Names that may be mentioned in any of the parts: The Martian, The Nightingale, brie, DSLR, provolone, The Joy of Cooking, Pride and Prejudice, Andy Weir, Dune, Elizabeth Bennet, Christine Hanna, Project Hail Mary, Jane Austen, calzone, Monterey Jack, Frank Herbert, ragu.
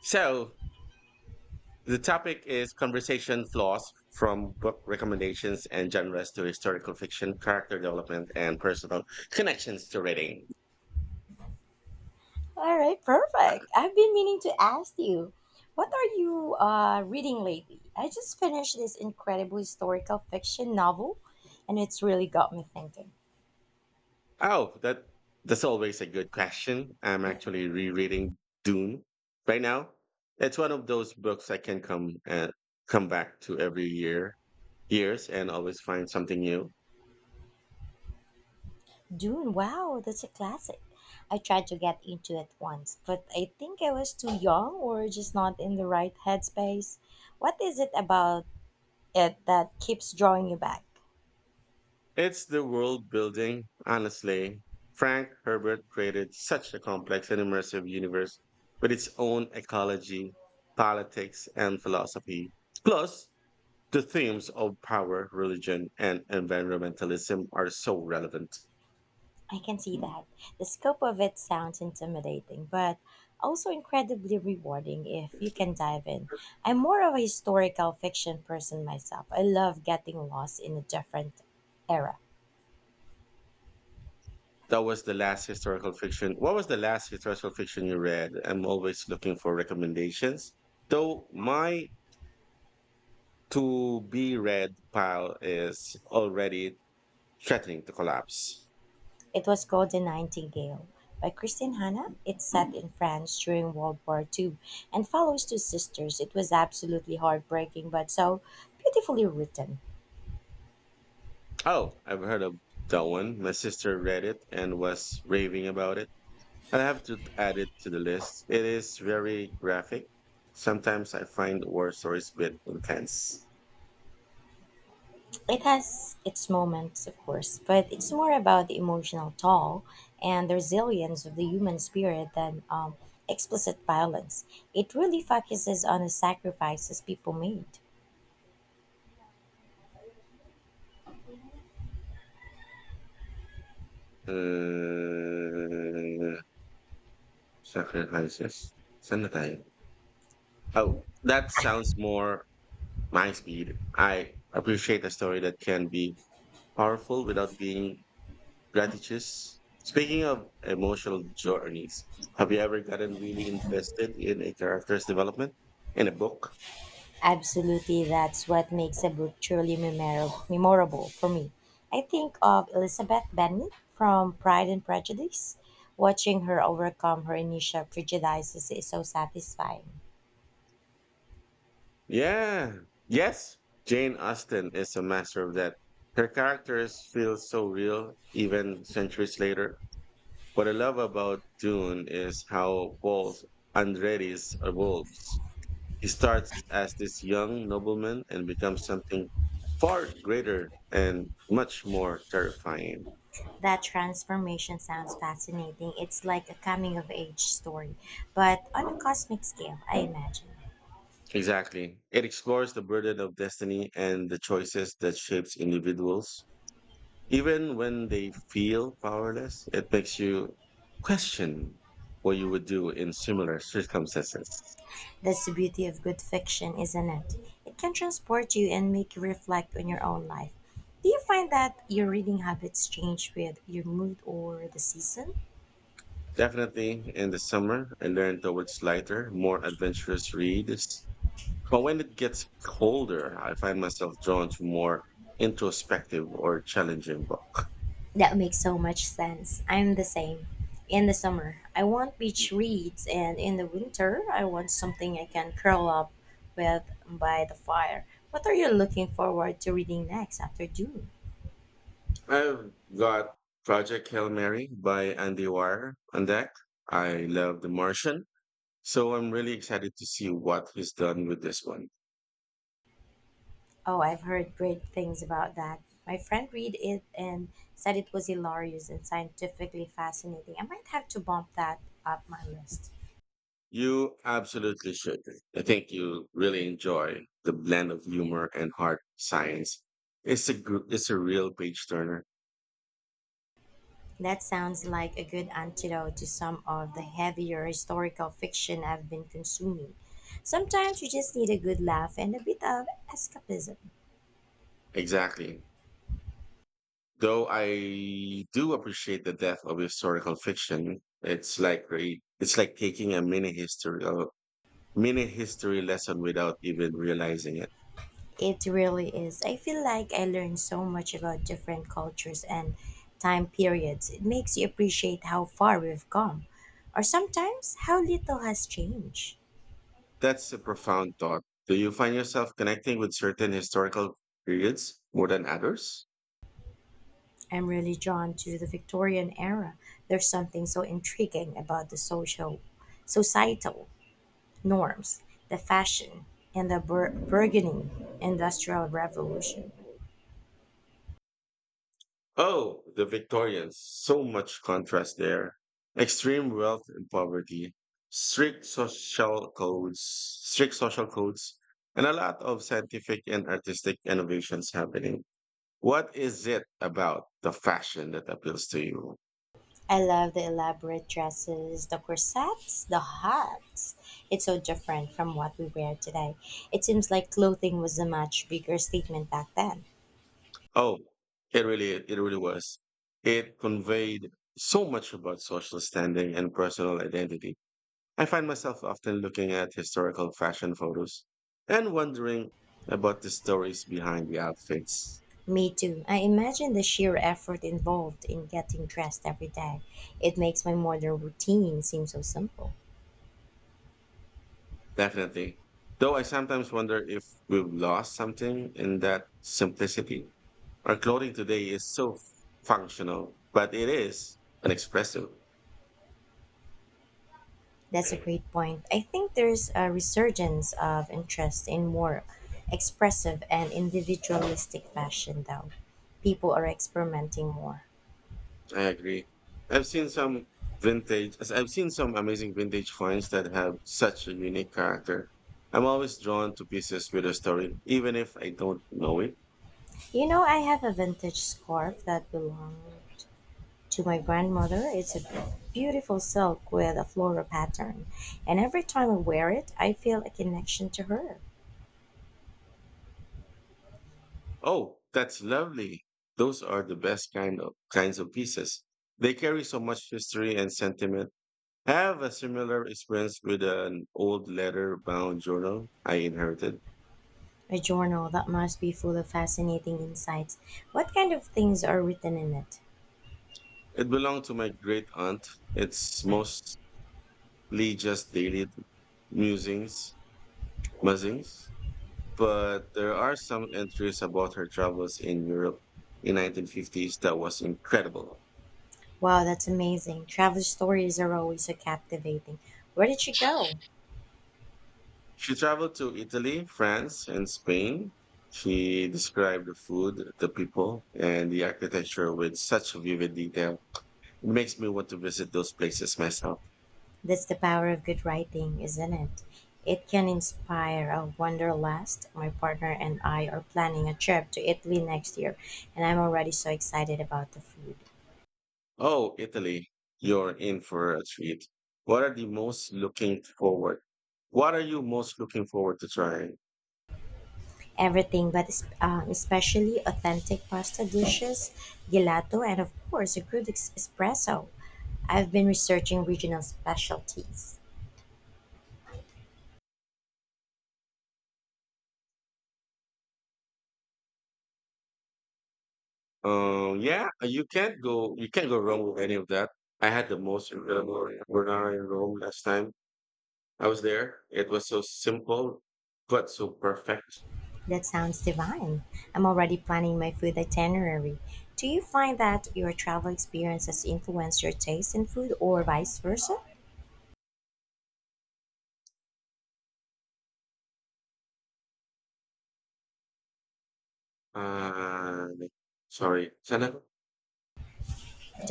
So the topic is conversation flaws from book recommendations and genres to historical fiction, character development, and personal connections to reading. All right, Uh, perfect. I've been meaning to ask you, what are you reading lately? I just finished this incredible historical fiction novel, and it's really got me thinking. Oh, that's always a good question. I'm actually rereading Dune right now. It's one of those books I can come and come back to every year, years, and always find something new. Dune, wow, that's a classic. I tried to get into it once, but I think I was too young or just not in the right headspace. What is it about it that keeps drawing you back? It's the world building, honestly. Frank Herbert created such a complex and immersive universe with its own ecology, politics, and philosophy. Plus, the themes of power, religion, and environmentalism are so relevant. I can see that. The scope of it sounds intimidating, but also incredibly rewarding if you can dive in. I'm more of a historical fiction person myself. I love getting lost in a different era. That was the last historical fiction. What was the last historical fiction you read? I'm always looking for recommendations. Though my to be read pile is already threatening to collapse. It was called The Nightingale by Christine Hanna. It's set in France during World War Two and follows two sisters. It was absolutely heartbreaking, but so beautifully written. Oh, I've heard of that one. My sister read it and was raving about it. I have to add it to the list. It is very graphic. Sometimes I find war stories a bit intense. It has its moments, of course, but it's more about the emotional toll and the resilience of the human spirit than explicit violence. It really focuses on the sacrifices people made. Uh, sacrifices. Saan na tayo? Oh, that sounds more my speed. I appreciate a story that can be powerful without being Gratitudes. Speaking of emotional journeys, have you ever gotten really invested in a character's development in a book? Absolutely, that's what makes a book truly memorable for me. I think of Elizabeth Bennet from Pride and Prejudice. Watching her overcome her initial prejudices is so satisfying. Yeah. Yes. Jane Austen is a master of that. Her characters feel so real, even centuries later. What I love about Dune is how Paul Andretti's evolves. He starts as this young nobleman and becomes something far greater and much more terrifying. That transformation sounds fascinating. It's like a coming of age story, but on a cosmic scale, I imagine. Exactly. It explores the burden of destiny and the choices that shapes individuals. Even when they feel powerless, it makes you question what you would do in similar circumstances. That's the beauty of good fiction, isn't it? It can transport you and make you reflect on your own life. Do you find that your reading habits change with your mood or the season? Definitely in the summer, I learned towards lighter, more adventurous reads. But when it gets colder, I find myself drawn to more introspective or challenging books. That makes so much sense. I'm the same. In the summer, I want beach reads, and in the winter, I want something I can curl up with by the fire. What are you looking forward to reading next after June? I've got Project Hail Mary by Andy Weir on deck. I love The Martian, so I'm really excited to see what he's done with this one. Oh, I've heard great things about that. My friend read it and said it was hilarious and scientifically fascinating. I might have to bump that up my list. You absolutely should. I think you'll really enjoy the blend of humor and hard science. It's a real page turner. That sounds like a good antidote to some of the heavier historical fiction I've been consuming. Sometimes you just need a good laugh and a bit of escapism. Exactly. Though I do appreciate the depth of historical fiction. It's like taking a mini history lesson without even realizing it. It really is. I feel like I learned so much about different cultures and time periods. It makes you appreciate how far we've come, or sometimes how little has changed. That's a profound thought. Do you find yourself connecting with certain historical periods more than others? I'm really drawn to the Victorian era. There's something so intriguing about the social, societal norms, the fashion, and the burgeoning industrial revolution. Oh, the Victorians. So much contrast there. Extreme wealth and poverty, strict social codes, strict social codes, and a lot of scientific and artistic innovations happening. What is it about the fashion that appeals to you? I love the elaborate dresses, the corsets, the hats. It's so different from what we wear today. It seems like clothing was a much bigger statement back then. Oh, it really was. It conveyed so much about social standing and personal identity. I find myself often looking at historical fashion photos and wondering about the stories behind the outfits. Me too. I imagine the sheer effort involved in getting dressed every day. It makes my modern routine seem so simple. Definitely. Though I sometimes wonder if we've lost something in that simplicity. Our clothing today is so functional, but it is inexpressive. That's a great point. I think there's a resurgence of interest in more expressive and individualistic fashion, though. People are experimenting more. I agree. I've seen some I've seen some amazing vintage finds that have such a unique character. I'm always drawn to pieces with a story, even if I don't know it. You know, I have a vintage scarf that belonged to my grandmother. It's a beautiful silk with a floral pattern, and every time I wear it, I feel a connection to her. Oh, that's lovely. Those are the best kinds of pieces. They carry so much history and sentiment. I have a similar experience with an old leather-bound journal I inherited. A journal that must be full of fascinating insights. What kind of things are written in it? It belonged to my great aunt. It's mostly just daily musings, musings, but there are some entries about her travels in Europe in 1950s that was incredible. Wow, that's amazing. Travel stories are always so captivating. Where did she go? She traveled to Italy, France, and Spain. She described the food, the people, and the architecture with such vivid detail. It makes me want to visit those places myself. That's the power of good writing, isn't it? It can inspire a wanderlust. My partner and I are planning a trip to Italy next year, and I'm already so excited about the food. Oh, Italy, you're in for a treat. What are the most looking forward? What are you most looking forward to trying? Everything, but especially authentic pasta dishes, gelato, and of course, a good espresso. I've been researching regional specialties. Yeah, you can't go wrong with any of that. I had the most incredible carbonara in Rome last time I was there. It was so simple but so perfect. That sounds divine. I'm already planning my food itinerary. Do you find that your travel experience has influenced your taste in food or vice versa? Uh, sorry. Sana-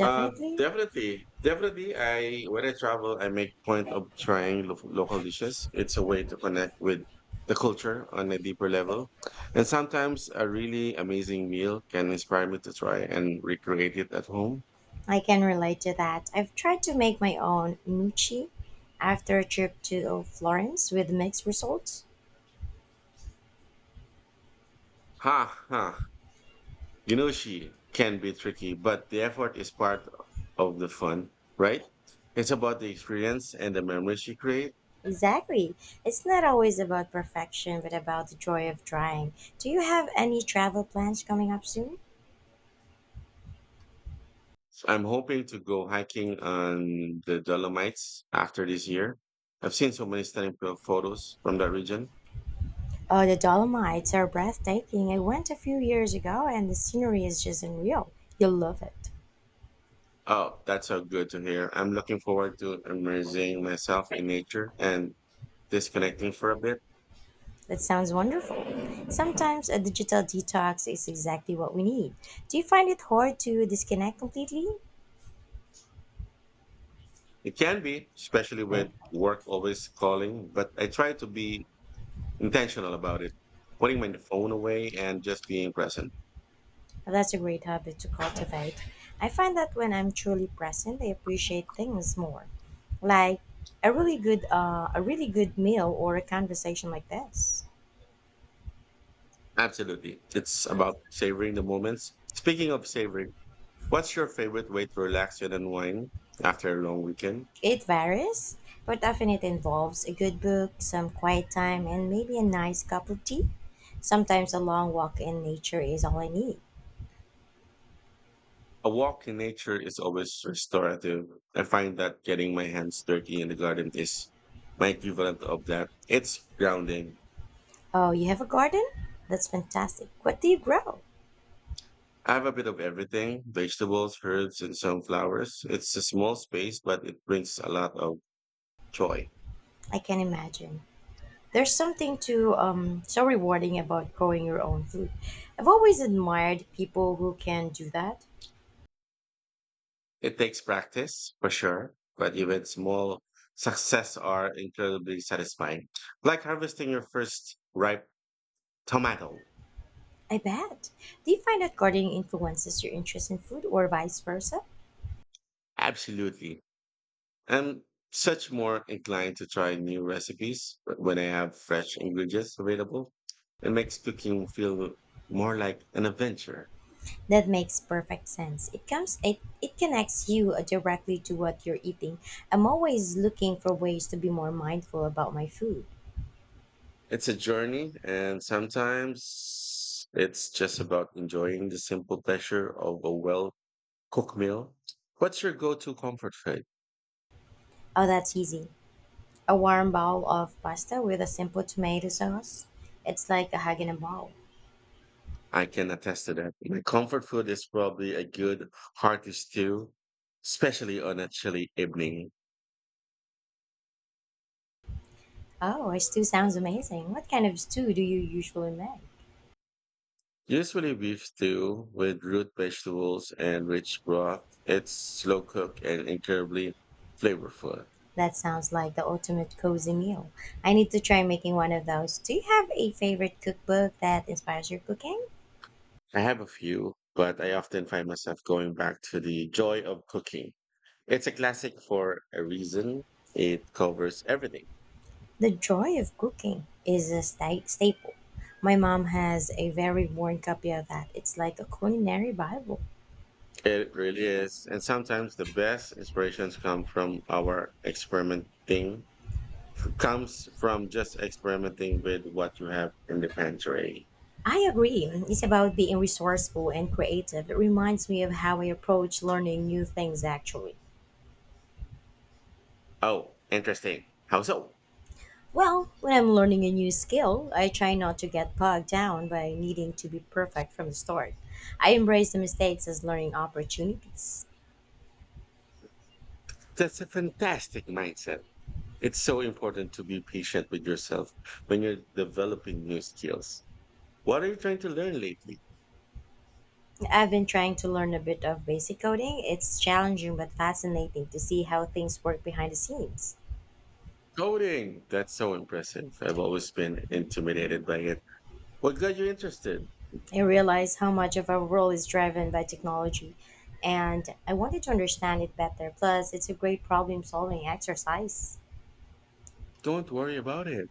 Uh, definitely. I When I travel, I make point of local dishes. It's a way to connect with the culture on a deeper level, and sometimes a really amazing meal can inspire me to try and recreate it at home. I can relate to that. I've tried to make my own gnocchi after a trip to Florence with mixed results. Ha ha! You know, she can be tricky, but the effort is part of the fun, right? It's about the experience and the memories you create. Exactly. It's not always about perfection, but about the joy of trying. Do you have any travel plans coming up soon? So I'm hoping to go hiking on the Dolomites after this year. I've seen so many stunning photos from that region. Oh, the Dolomites are breathtaking. I went a few years ago and the scenery is just unreal. You'll love it. Oh, that's so good to hear. I'm looking forward to immersing myself in nature and disconnecting for a bit. That sounds wonderful. Sometimes a digital detox is exactly what we need. Do you find it hard to disconnect completely? It can be, especially with work always calling, but I try to be intentional about it, putting my phone away and just being present. Well, that's a great habit to cultivate. I find that when I'm truly present, I appreciate things more. Like a really good meal or a conversation like this. Absolutely. It's about savoring the moments. Speaking of savoring, what's your favorite way to relax and unwind after a long weekend? It varies, but often it involves a good book, some quiet time, and maybe a nice cup of tea. Sometimes a long walk in nature is all I need. A walk in nature is always restorative. I find that getting my hands dirty in the garden is my equivalent of that. It's grounding. Oh, you have a garden? That's fantastic. What do you grow? I have a bit of everything vegetables, herbs, and some flowers. It's a small space, but it brings a lot of joy. I can imagine. There's something to so rewarding about growing your own food. I've always admired people who can do that. It takes practice, for sure, but even small success are incredibly satisfying. Like harvesting your first ripe tomato. I bet. Do you find that gardening influences your interest in food or vice versa? Absolutely. I'm such more inclined to try new recipes when I have fresh ingredients available. It makes cooking feel more like an adventure. That makes perfect sense. It connects you directly to what you're eating. I'm always looking for ways to be more mindful about my food. It's a journey, and sometimes it's just about enjoying the simple pleasure of a well cooked meal. What's your go to comfort food? Oh, that's easy. A warm bowl of pasta with a simple tomato sauce. It's like a hug in a bowl. I can attest to that. My comfort food is probably a good hearty stew, especially on a chilly evening. Oh, a stew sounds amazing. What kind of stew do you usually make? Usually beef stew with root vegetables and rich broth. It's slow cooked and incredibly flavorful. That sounds like the ultimate cozy meal. I need to try making one of those. Do you have a favorite cookbook that inspires your cooking? I have a few, but I often find myself going back to the joy of cooking. It's a classic for a reason. It covers everything. The joy of cooking is a staple. My mom has a very worn copy of that. It's like a culinary Bible. It really is. And sometimes the best inspirations come from our experimenting, comes from just experimenting with what you have in the pantry. I agree. It's about being resourceful and creative. It reminds me of how I approach learning new things, actually. Oh, interesting. How so? Well, when I'm learning a new skill, I try not to get bogged down by needing to be perfect from the start. I embrace the mistakes as learning opportunities. That's a fantastic mindset. It's so important to be patient with yourself when you're developing new skills. What are you trying to learn lately? I've been trying to learn a bit of basic coding. It's challenging but fascinating to see how things work behind the scenes. Coding. That's so impressive. I've always been intimidated by it. What got you interested? I realized how much of our world is driven by technology, and I wanted to understand it better. Plus, it's a great problem solving exercise. Don't worry about it.